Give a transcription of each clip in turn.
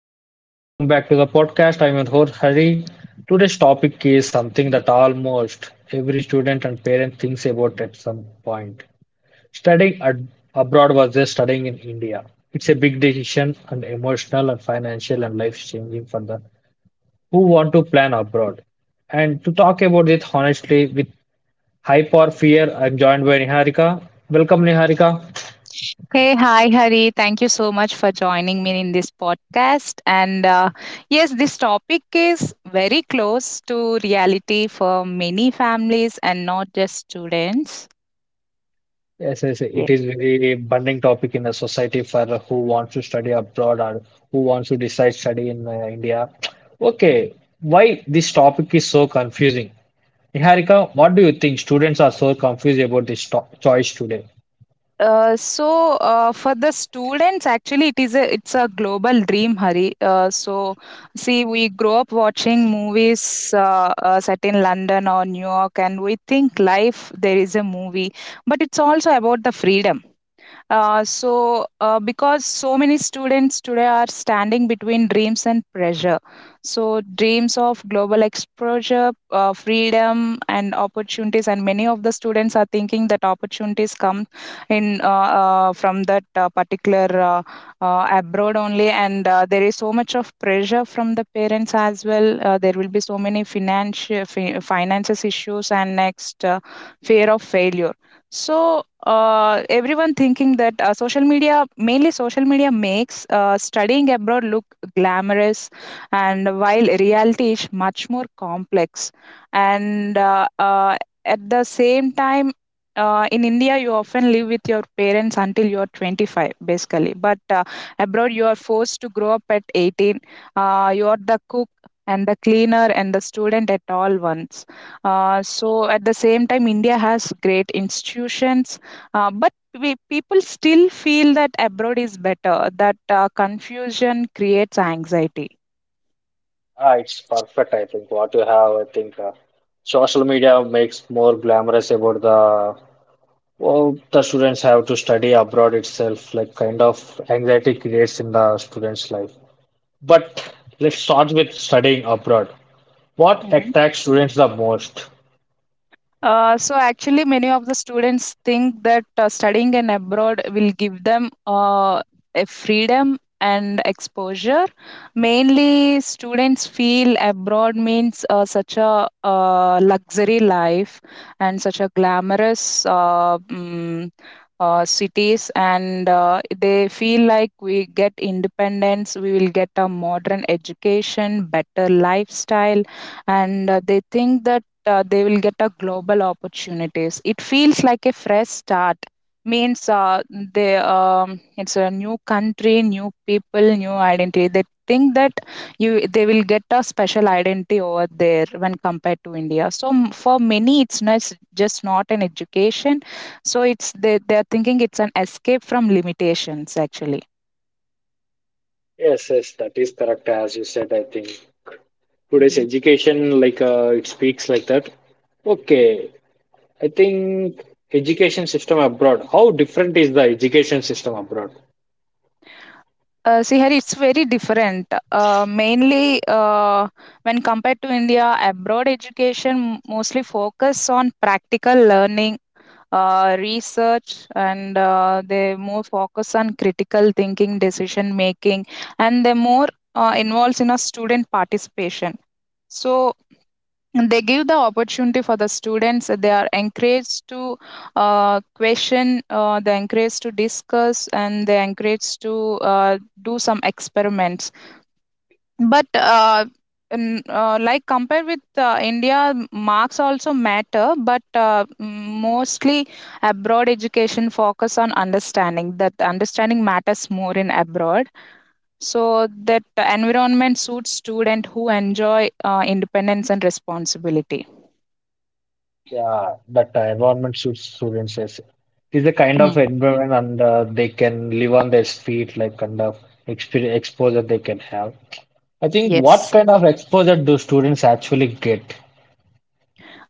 afternoon. Welcome back to the podcast. I'm your host Hari. Today's topic is something that almost every student and parent thinks about at some point. Studying ad- abroad versus studying in India. It's a big decision and emotional and financial and life changing for the who want to plan abroad. And to talk about it honestly with hype or fear, I'm joined by Niharika. Welcome Niharika. Hey, hi, Hari. Thank you so much for joining me in this podcast. And yes, this topic is very close to reality for many families and not just students. Yes, yes, yes, Yeah. it is very burning topic in the society for who wants to study abroad or who wants to decide study in India. Okay, why this topic is so confusing? Niharika, what do you think? Students are so confused about this to choice today. For the students actually it's a global dream, Hari. So see, we grow up watching movies set in London or New York, and we think life there is a movie, but it's also about the freedom. Because so many students today are standing between dreams and pressure. So, dreams of global exposure, freedom, and opportunities, and many of the students are thinking that opportunities come in from that particular, abroad only, and there is so much of pressure from the parents as well. There will be so many finances issues, and next fear of failure. so Everyone thinking that mainly social media makes studying abroad look glamorous, and while reality is much more complex. And At the same time, in India, you often live with your parents until you're 25, basically. But Abroad, you are forced to grow up at 18. You are the cook and the cleaner and the student at all once. So at the same time, India has great institutions, but people still feel that abroad is better. That confusion creates anxiety. Ah, it's perfect, I think. What you have, I think social media makes more glamorous about the well, the students have to study abroad itself, like kind of anxiety creates in the students' life. But let's start with studying abroad. What Mhm. attracts students the most? So actually, many of the students think that studying in abroad will give them a freedom and exposure. Mainly, students feel abroad means such a luxury life and such a glamorous cities, and they feel like we get independence, we will get a modern education, better lifestyle, and they think that they will get a global opportunities. It feels like a fresh start. Means They, it's a new country, new people, new identity. They think that you they will get a special identity over there when compared to India. For many, it's not s- just not an education. So it's, they're thinking it's an escape from limitations, actually. Yes, yes, that is correct as you said, I think. Today's education, like it speaks like that. Okay, I think education system abroad. How different is the education system abroad? See here, it's very different. When compared to India, abroad education mostly focus on practical learning, research, and they more focus on critical thinking, decision making, and they more involves in a student participation. So, and they give the opportunity for the students. They are encouraged to question, they encouraged to discuss, and they encouraged to do some experiments. But like compared with India, marks also matter, but mostly abroad education focus on understanding. That understanding matters more in abroad, so that the environment suits student who enjoy independence and responsibility. Yeah, that environment suits students as it is a kind Hmm. of environment and they can live on their feet, like kind of exper exposure they can have. I think what Yes. kind of exposure do students actually get?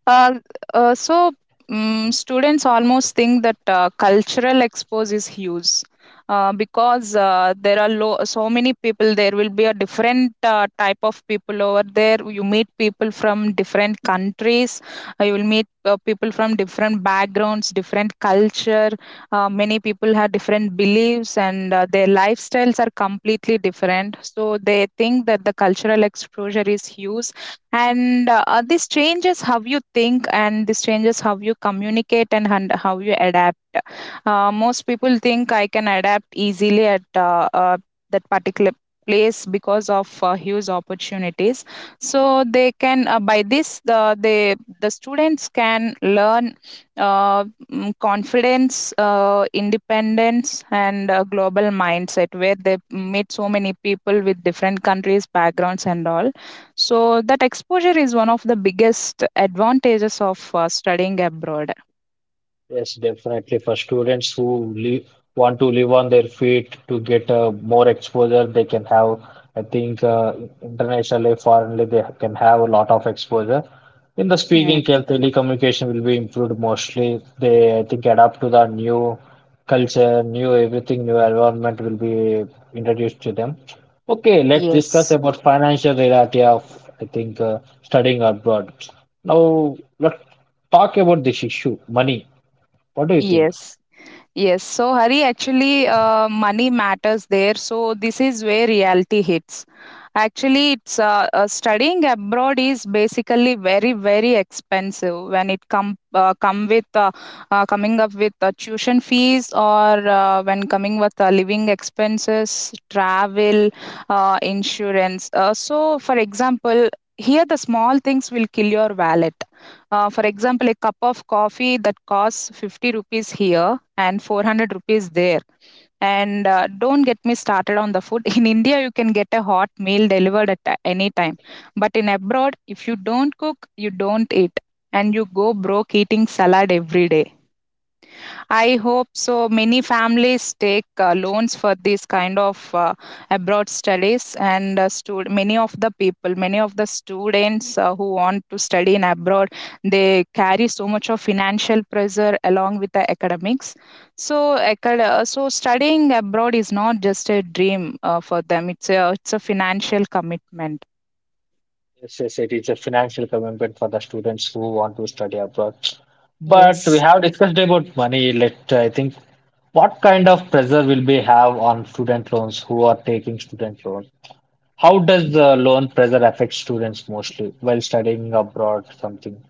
Uh, so students almost think that cultural expose is huge, because there are so many people. There will be a different type of people over there. You meet people from different countries. You will meet people from different backgrounds, different culture. Many people have different beliefs and their lifestyles are completely different. So they think that the cultural exposure is huge, and this changes how you think, and this changes how you communicate, and how you adapt. Most people think I can adapt easily at that particular place because of huge opportunities. So they can by this, the students can learn uh, confidence, independence, and global mindset, where they meet so many people with different countries, backgrounds, and all. So that exposure is one of the biggest advantages of studying abroad. Yes, definitely. For students who live, want to live on their feet to get more exposure, they can have, I think, internationally, foreignly, they can have a lot of exposure. In the Mm. speaking, telecommunication will be improved mostly. They, I think, adapt to the new culture, new everything, new environment will be introduced to them. Okay, let's discuss Yes, about financial reality of, I think, studying abroad. Now, let's talk about this issue, money. What do you think? yes, yes. So Hari, actually, money matters there. So this is where reality hits. Actually, it's studying abroad is basically very very expensive when it come come with coming up with tuition fees, or when coming with living expenses, travel, insurance. So, for example, here the small things will kill your wallet. For example, a cup of coffee that costs 50 rupees here and 400 rupees there. And don't get me started on the food. In India, you can get a hot meal delivered at any time. But in abroad, if you don't cook, you don't eat. And you go broke eating salad every day. I hope so. Many families take loans for these kind of abroad studies, and many of the people, many of the students who want to study in abroad, they carry so much of financial pressure along with the academics. So studying abroad is not just a dream for them; it's a financial commitment. Yes, yes, it is a financial commitment for the students who want to study abroad. But we Yes. have discussed about money. Let I think what kind of pressure will we have on student loans who are taking student loan? How does the loan pressure affect students mostly while studying abroad something?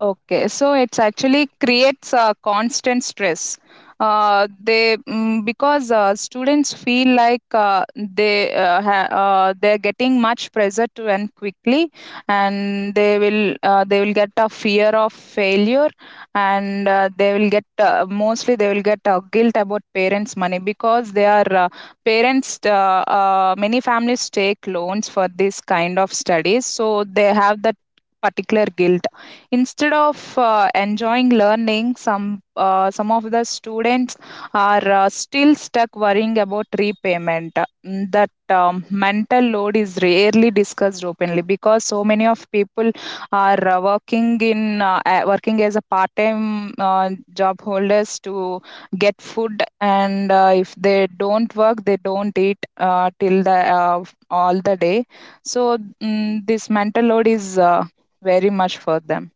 Okay, so it's actually creates a constant stress. They mm, because Students feel like they're getting much pressure to end quickly, and they will get a fear of failure, and they will get mostly they will get guilt about parents' money, because they are parents. Many families take loans for this kind of studies, so they have that particular guilt instead of enjoying learning. Some of the students are still stuck worrying about repayment. That mental load is rarely discussed openly, because so many of people are working as a part time job holders to get food. And if they don't work, they don't eat till the all the day. So this mental load is very much for them.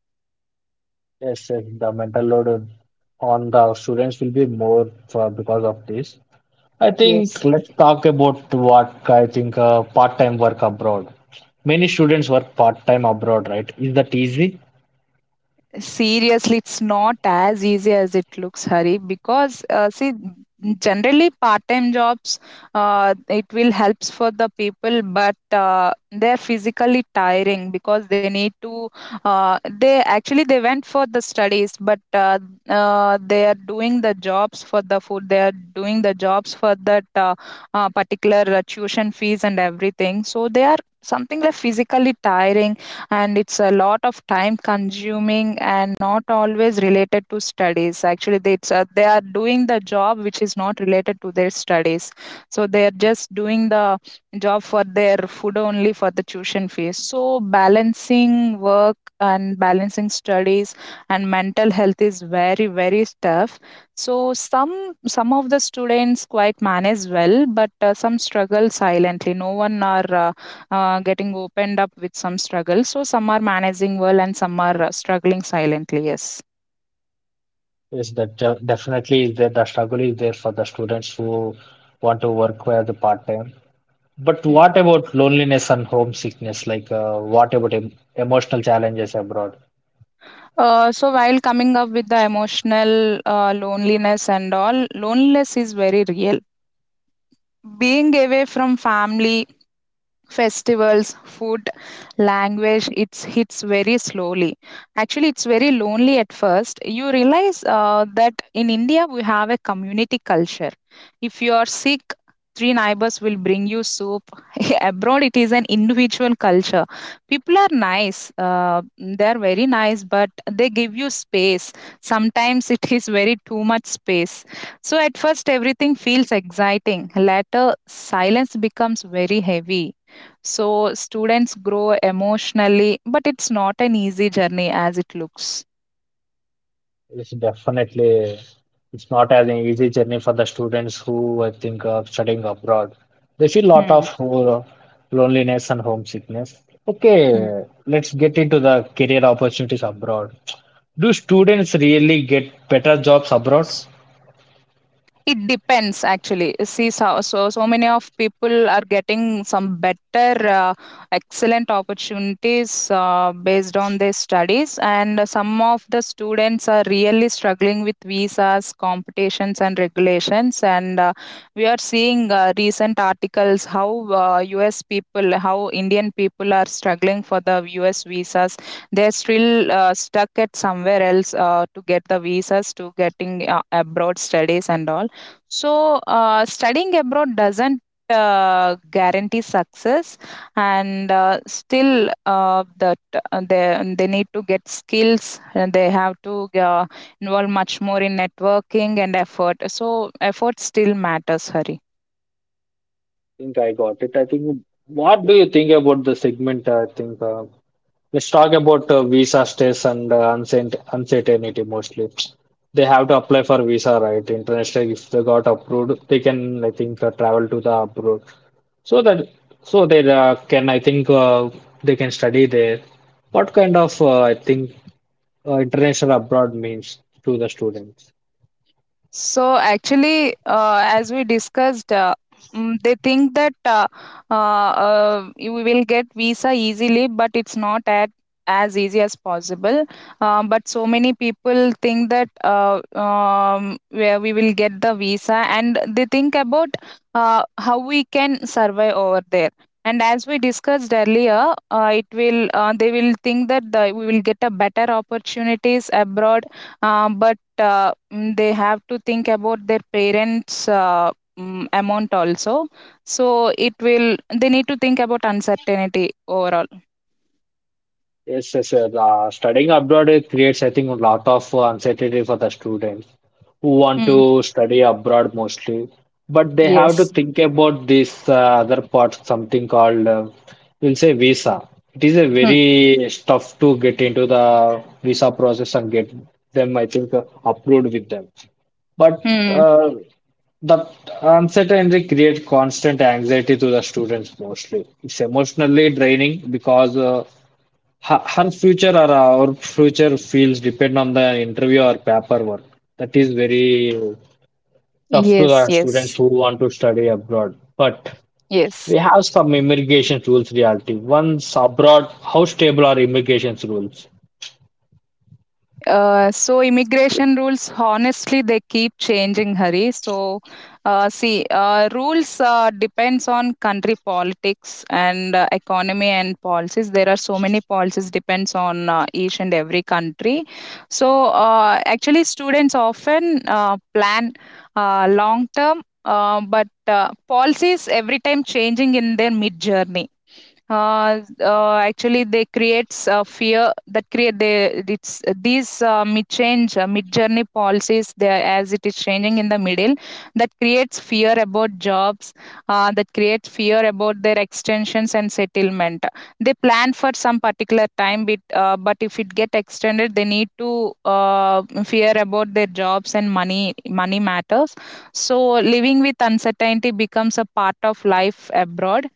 Yes, yes, the mental load on the students will be more for because of this. I Yes. think let's talk about what I think part-time work abroad. Many students work part-time abroad, right? Is that easy? Seriously, it's not as easy as it looks, Hari. Because see, generally part-time jobs, it will helps for the people, but they're physically tiring because they need to. They actually they went for the studies, but they are doing the jobs for the food. They are doing the jobs for that particular tuition fees and everything. So they are something like physically tiring, and it's a lot of time consuming and not always related to studies. Actually they are doing the job which is not related to their studies. So they are just doing the job for their food only, for the tuition fees. So balancing work and balancing studies and mental health is very very tough. So some of the students quite manage well, but some struggle silently. No one are getting opened up with some struggle. So some are managing well and some are struggling silently. Yes. Yes, that definitely is there. The struggle is there for the students who want to work as a part-time. But what Mm. about loneliness and homesickness? Like, what about emotional challenges abroad? So while coming up with the emotional loneliness and all, loneliness is very real. Being away from family, festivals, food, language, it's hits very slowly. Actually, it's very lonely at first. You realize that in India we have a community culture. If you are sick, 3 neighbors will bring you soup. Abroad, it is an individual culture. People are nice. They are very nice, but they give you space. Sometimes it is very too much space. So at first, everything feels exciting. Later, silence becomes very heavy. So students grow emotionally, but it's not an easy journey as it looks. It's definitely it's not as an easy journey for the students who I think are studying abroad. They feel a lot Hmm, of loneliness and homesickness. hmm. Okay, let's get into the career opportunities abroad. Do students really get better jobs abroad? I It depends actually. See, so many of people are getting some better, excellent opportunities based on their studies, and some of the students are really struggling with visas, competitions, and regulations. And we are seeing recent articles how U.S. people, how Indian people are struggling for the U.S. visas. They're still stuck at somewhere else to get the visas, to getting abroad studies and all. So, studying abroad doesn't guarantee success, and still, that they need to get skills, and they have to involve much more in networking and effort. So, effort still matters, Hari. think I got it. I think what do you think about the segment? I think Let's talk about visa stays and uncertainty mostly. They have to apply for visa, right? Internationally, if they got approved, they can, I think, travel to the abroad. So that so they can, I think, they can study there. What kind of, I think, international abroad means to the students? So actually, as we discussed, they think that uh, you will get visa easily, but it's not at as easy as possible. But so many people think that where we will get the visa, and they think about how we can survive over there. And as we discussed earlier, it will they will think that we will get a better opportunities abroad, but they have to think about their parents amount also. So it will they need to think about uncertainty overall. Yes, yes, sir. Studying abroad it creates, I think, a lot of uncertainty for the students who want Mm. to study abroad mostly. But they have to Yes. think about this other part, something called, we'll say, visa. It is a Mm. very tough to get into the visa process and get them, I think, approved with them. But Mm. The uncertainty creates constant anxiety to the students mostly. It's emotionally draining because Her future or our future fields depend on the interview or paperwork. That is very tough to Yes, the students yes, who want to study abroad. But yes. we have some immigration rules reality. Once abroad, how stable are immigration rules? So immigration rules, honestly, they keep changing, Hari. So see, rules depends on country politics and economy and policies. There are so many policies depends on each and every country. So actually students often plan long term, but policies every time changing in their mid journey. Actually they creates a fear that create they it's these mid change mid journey policies there as it is changing in the middle, that creates fear about jobs. That creates fear about their extensions and settlement. They plan for some particular time, but if it get extended they need to fear about their jobs and money matters. So living with uncertainty becomes a part of life abroad,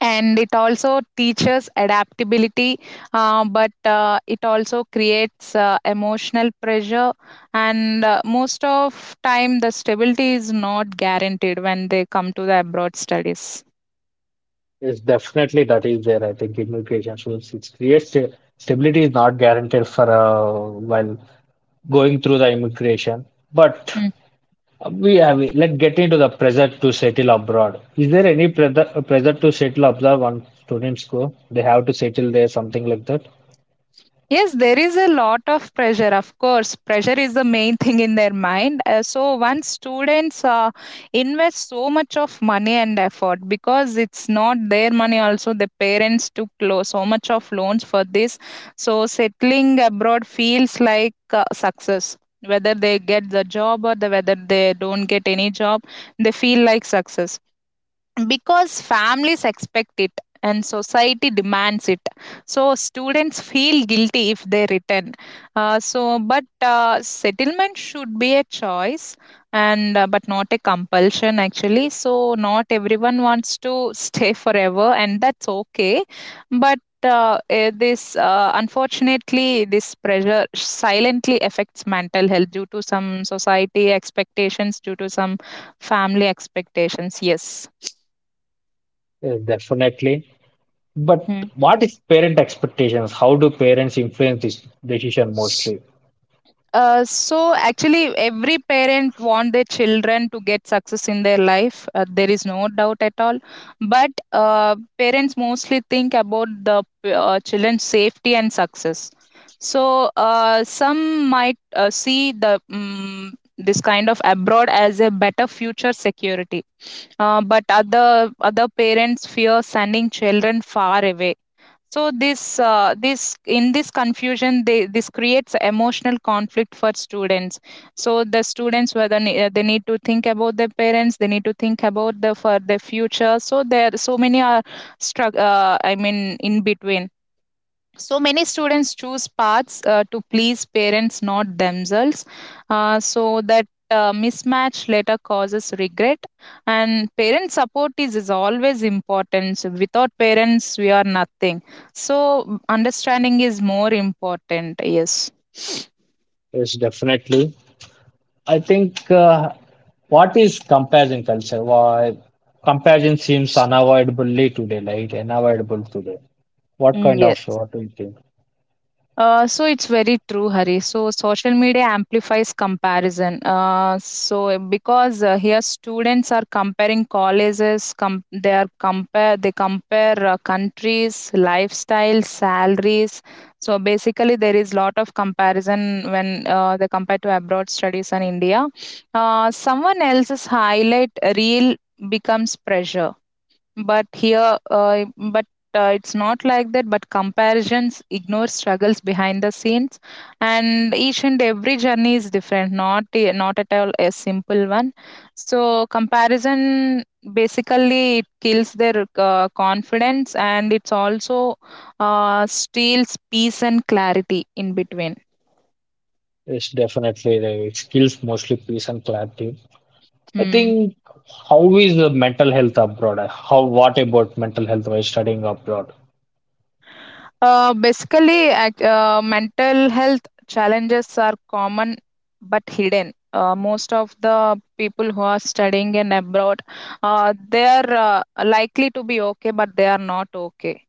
and it also teaches adaptability. But it also creates emotional pressure, and most of time the stability is not guaranteed when they come to the abroad studies. Yes, definitely that is there. I think immigration rules it creates a- stability is not guaranteed for while going through the immigration. But we have, let's get into the pressure to settle abroad. Is there any pressure to settle abroad when students go? They have to settle there, something like that? Yes, there is a lot of pressure. Of course, pressure is the main thing in their mind. So once students invest so much of money and effort, because it's not their money. Also, the parents took so much of loans for this. So settling abroad feels like success. Whether they get the job, or whether they don't get any job, they feel like success, because families expect it and society demands it. So students feel guilty if they return. So but settlement should be a choice, and but not a compulsion, actually, so not everyone wants to stay forever, and that's okay. But uh, eh, this uh, unfortunately this pressure silently affects mental health, due to some society expectations, due to some family expectations, yes. Definitely. But Mm. what is parent expectations? How do parents influence this decision mostly? So actually every parent want their children to get success in their life. There is no doubt at all, but parents mostly think about the children's safety and success. So some might see the mm this kind of abroad as a better future security. But other parents fear sending children far away. So this in this confusion they this creates emotional conflict for students. So the students, whether they need to think about their parents, they need to think about the for their future. So there are so many are struck, I mean, in between. So many students choose paths to please parents, not themselves. So that mismatch later causes regret. And parent support is always important. So without parents we are nothing. So understanding is more important, yes. Yes, definitely. I think what is comparison culture? Why comparison seems unavoidably today, like unavoidable today. What Mm, kind of yes. what do you think? So it's very true, Hari. So social media amplifies comparison. So because here students are comparing colleges, they compare countries, lifestyles, salaries. So basically, there is lot of comparison when they compare to abroad studies and India. Someone else's highlight reel becomes pressure, but here but it's not like that. But comparisons ignore struggles behind the scenes, and each and every journey is different, not at all a simple one. So comparison basically it kills their confidence, and it's also steals peace and clarity in between. Yes, definitely. It skills mostly peace and clarity. I Hmm. think how is the mental health abroad? How what about mental health while studying abroad? Basically, mental health challenges are common but hidden. Most of the people who are studying in abroad, they are likely to be okay, but they are not okay.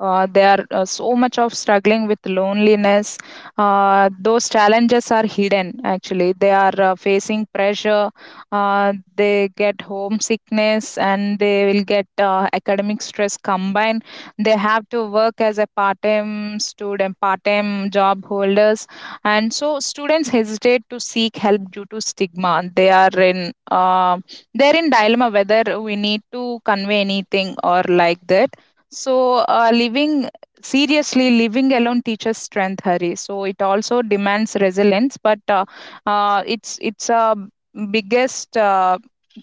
They are so much of struggling with loneliness. Those challenges are hidden. Actually, they are facing pressure. They get homesickness, and they will get academic stress combined. They have to work as a part-time student, part-time job holders, and so students hesitate to seek help due to stigma. They are in they're in dilemma whether we need to convey anything or like that. So, uh, living seriously, living alone teaches strength, Hari. So it also demands resilience, but it's a biggest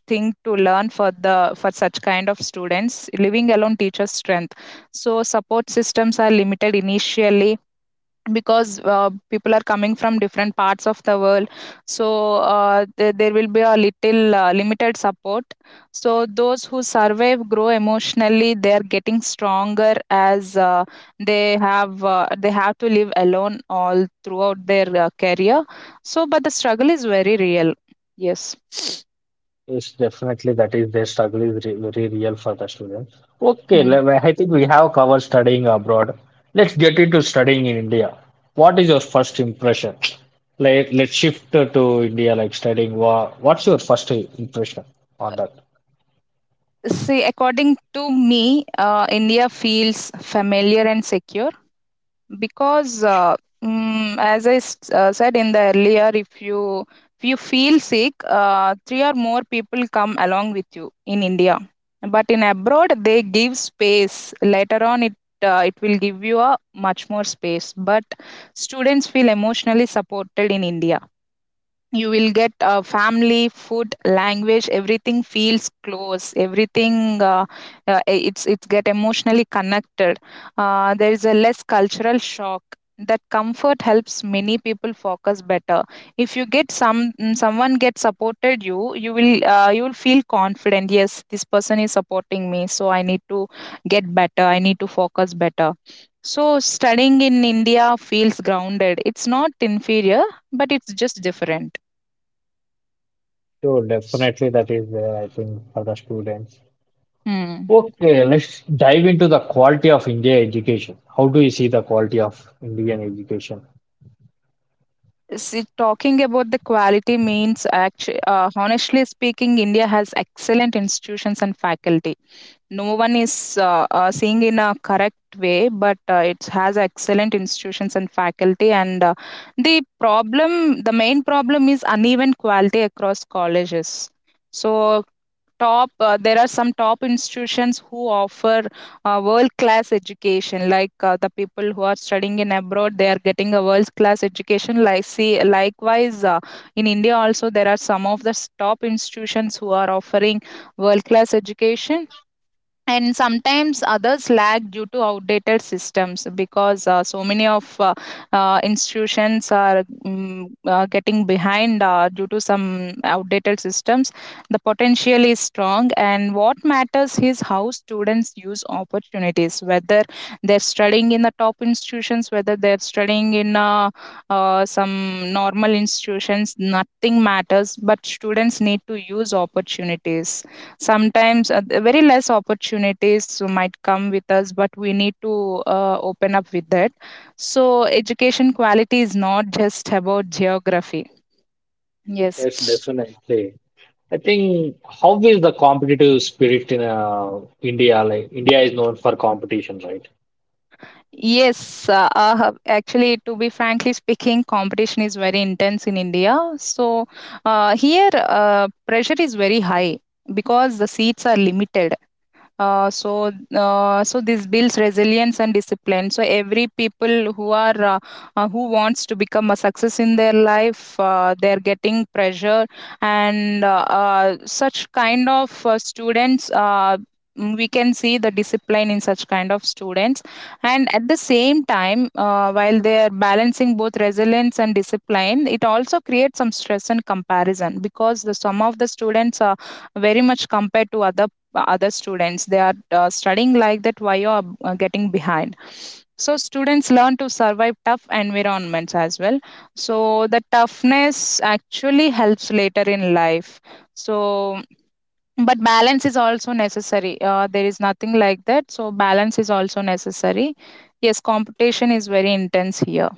thing to learn for the for such kind of students. Living alone teaches strength. So support systems are limited initially, because people are coming from different parts of the world. So there will be a little limited support. So those who survive grow emotionally, they are getting stronger, as they have to live alone all throughout their career. So but the struggle is very real, yes. Yes, definitely that is their struggle is re very real for the students. Okay, Hmm. Well, I think we have covered studying abroad. Let's get into studying in India. What is your first impression? Let let's shift to India, like studying. What's your first impression on that? See, according to me, India feels familiar and secure, because as I said in the earlier, if you feel sick, three or more people come along with you in India. But in abroad they give space later on it. It will give you a much more space. But students feel emotionally supported in India. You will get family, food, language, everything feels close. Everything it's get emotionally connected. There is a less cultural shock. That comfort helps many people focus better. If you get some someone get supported, you will you will feel confident. Yes, this person is supporting me, so I need to get better, I need to focus better. So studying in India feels grounded, it's not inferior, but it's just different. So definitely that is there, I think, for the students. Hmm. Okay, let's dive into the quality of India education. How do you see the quality of Indian education? See, talking about the quality means, actually, honestly speaking, India has excellent institutions and faculty. No one is seeing in a correct way, but it has excellent institutions and faculty. And the problem, the main problem is uneven quality across colleges. So top there are some top institutions who offer world class education, like the people who are studying in abroad they are getting a world class education, like, see, likewise, in India also there are some of the top institutions who are offering world class education. And sometimes others lag due to outdated systems, because so many of institutions are getting behind due to some outdated systems. The potential is strong, and what matters is how students use opportunities, whether they're studying in the top institutions, whether they're studying in some normal institutions, nothing matters, but students need to use opportunities. Sometimes the very less opportunities might come with us, but we need to open up with that. So, education quality is not just about geography. Yes, Yes. definitely. I think how is the competitive spirit in India? Like India is known for competition, right? Yes, actually, to be frankly speaking, competition is very intense in India. So, here, pressure is very high because the seats are limited. So this builds resilience and discipline. So every people who are who wants to become a success in their life, they're getting pressure. And such kind of students, we can see the discipline in such kind of students. And at the same time, while they are balancing both resilience and discipline, it also creates some stress and comparison, because the some of the students are very much compared to other students. They are studying like that, why you are getting behind? So students learn to survive tough environments as well. So the toughness actually helps later in life. So but balance is also necessary. There is nothing like that. So balance is also necessary, yes. Competition is very intense here.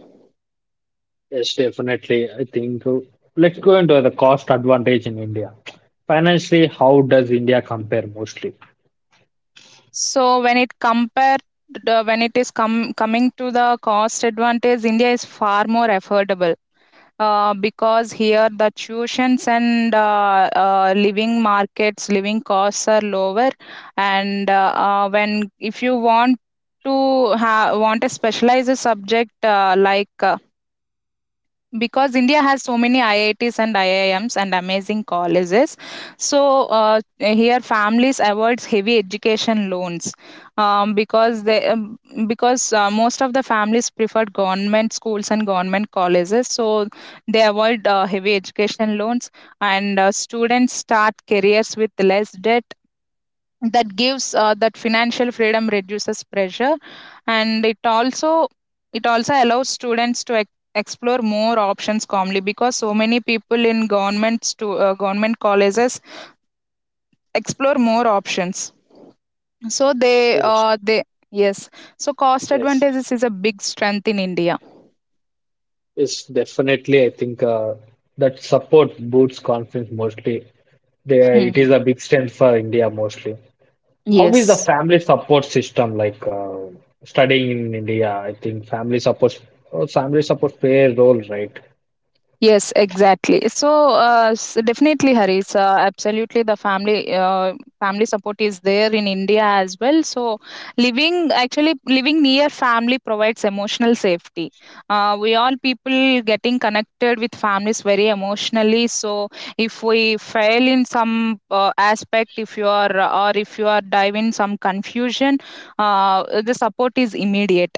Yes, definitely. I think Let's go into the cost advantage in India. Financially, how does India compare mostly? So when it compared, when it is coming to the cost advantage, India is far more affordable. Because here the tuitions and living markets, living costs are lower. And when if you want to want a specialized subject, like, because India has so many IITs and IIMs and amazing colleges. So here, families avoids heavy education loans, because they, because most of the families preferred government schools and government colleges. So they avoid heavy education loans, and students start careers with less debt. That gives that financial freedom, reduces pressure. And it also allows students to explore more options calmly, because so many people in government to government colleges explore more options. So they Yes, uh, they yes, so cost yes. advantages is a big strength in India. Is definitely, I think, that support boosts confidence mostly. They, Hmm. it Hmm. is a big strength for India mostly. How is the Yes. family support system like studying in India? I think family support play a role, right? Yes, exactly. So, definitely, Haris. Absolutely, the family support is there in India as well. So, living, actually living near family provides emotional safety. We all people getting connected with families very emotionally. So, if we fail in some aspect, if you are, or if you are dive in some confusion, the support is immediate.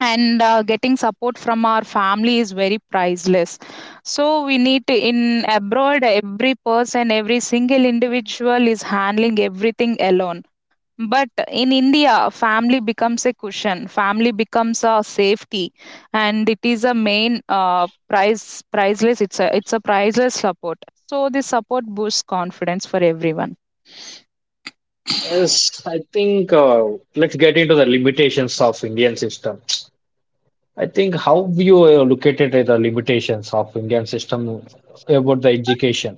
And getting support from our family is very priceless. So we need to, in abroad every person, every single individual is handling everything alone. But in India, family becomes a cushion, family becomes a safety. And it is a main, priceless, it's a priceless support. So this support boosts confidence for everyone. Yes, I think, let's get into the limitations of Indian system. I think how you located at the limitations of Indian system about the education.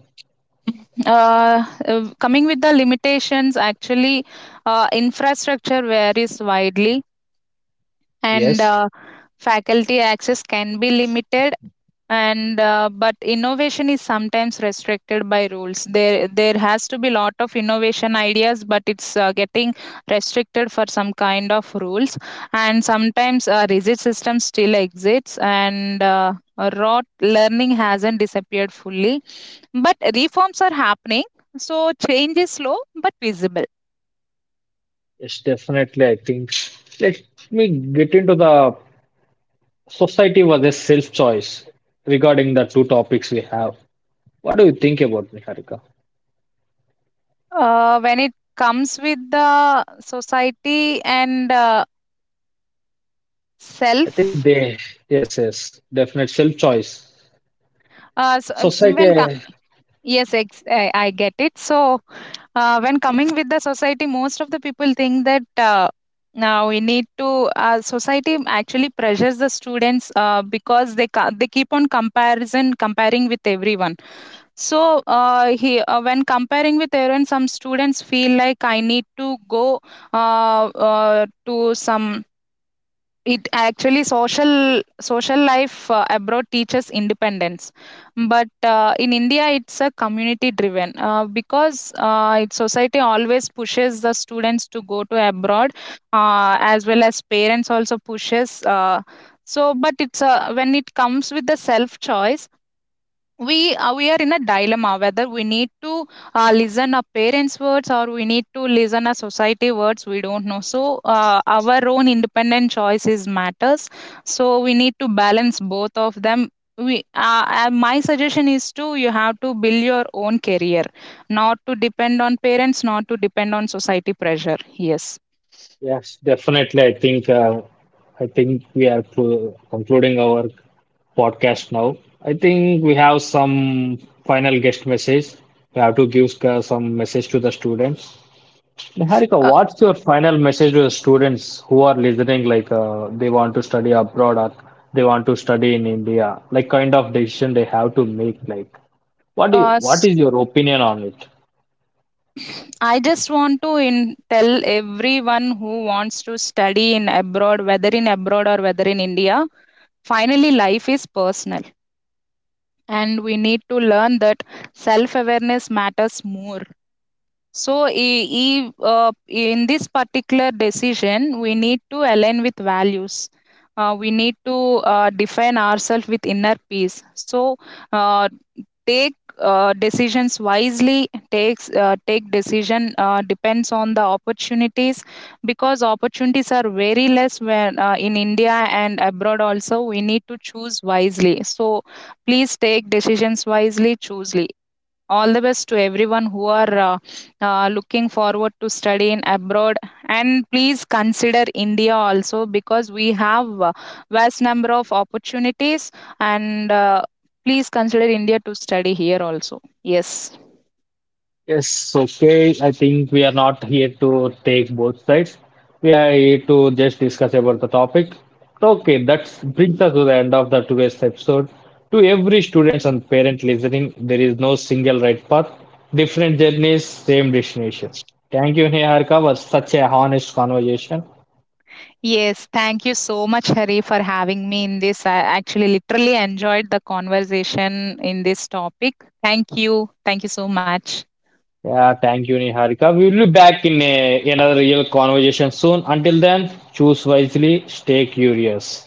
uh, Coming with the limitations, actually, infrastructure varies widely, and Yes. uh, faculty access can be limited. And uh, but innovation is sometimes restricted by rules. There has to be lot of innovation ideas, but it's getting restricted for some kind of rules. And sometimes a rigid system still exists, and raw learning hasn't disappeared fully, but reforms are happening. So change is slow but visible. Yes, definitely. I think let me get into the society versus self-choice regarding the two topics we have. What do you think about Niharika? When it comes with the society and I think self, they, yes, yes, definite self-choice. So, when com Society, yes, ex I get it. So, when coming with the society, most of the people think that now we need to. Society actually pressures the students, because they they keep on comparison comparing with everyone. So, he when comparing with everyone, some students feel like I need to go to some. It actually social life, abroad teaches independence, but in India it's a community driven, because its society always pushes the students to go to abroad, as well as parents also pushes. So, but it's a, when it comes with the self choice, we are in a dilemma whether we need to listen our parents words, or we need to listen our society words. We don't know. So our own independent choices matters. So we need to balance both of them. We my suggestion is to, you have to build your own career, not to depend on parents, not to depend on society pressure, yes. yes, definitely. I think we are concluding our podcast now. I think we have some final guest message. We have to give some message to the students. Niharika, uh, what's your final message to the students who are listening, like they want to study abroad or they want to study in India, like kind of decision they have to make, like what do uh, you, what s- is your opinion on it? I just want to tell everyone who wants to study in abroad, whether in abroad or whether in India, finally life is personal, and we need to learn that self awareness matters more. So, in this particular decision, we need to align with values. We need to define ourselves with inner peace. So, uh, take decisions wisely. Take decision depends on the opportunities, because opportunities are very less when in India and abroad also. We need to choose wisely. So, please take decisions wisely, choosely, all the best to everyone who are looking forward to study in abroad. And please consider India also, because we have vast number of opportunities, and please consider India to study here also, yes. Yes, okay. I think we are not here to take both sides. We are here to just discuss about the topic. So, okay, that brings us to the end of the today's episode. To every students and parent listening, there is no single right path. Different journeys, same destination. Thank you, Niharika, for such a honest conversation. Yes, thank you so much, Hari, for having me in this. I actually literally enjoyed the conversation in this topic. Thank you. Thank you so much. Yeah, thank you, Niharika. We will be back in a, another real conversation soon. Until then, choose wisely, stay curious.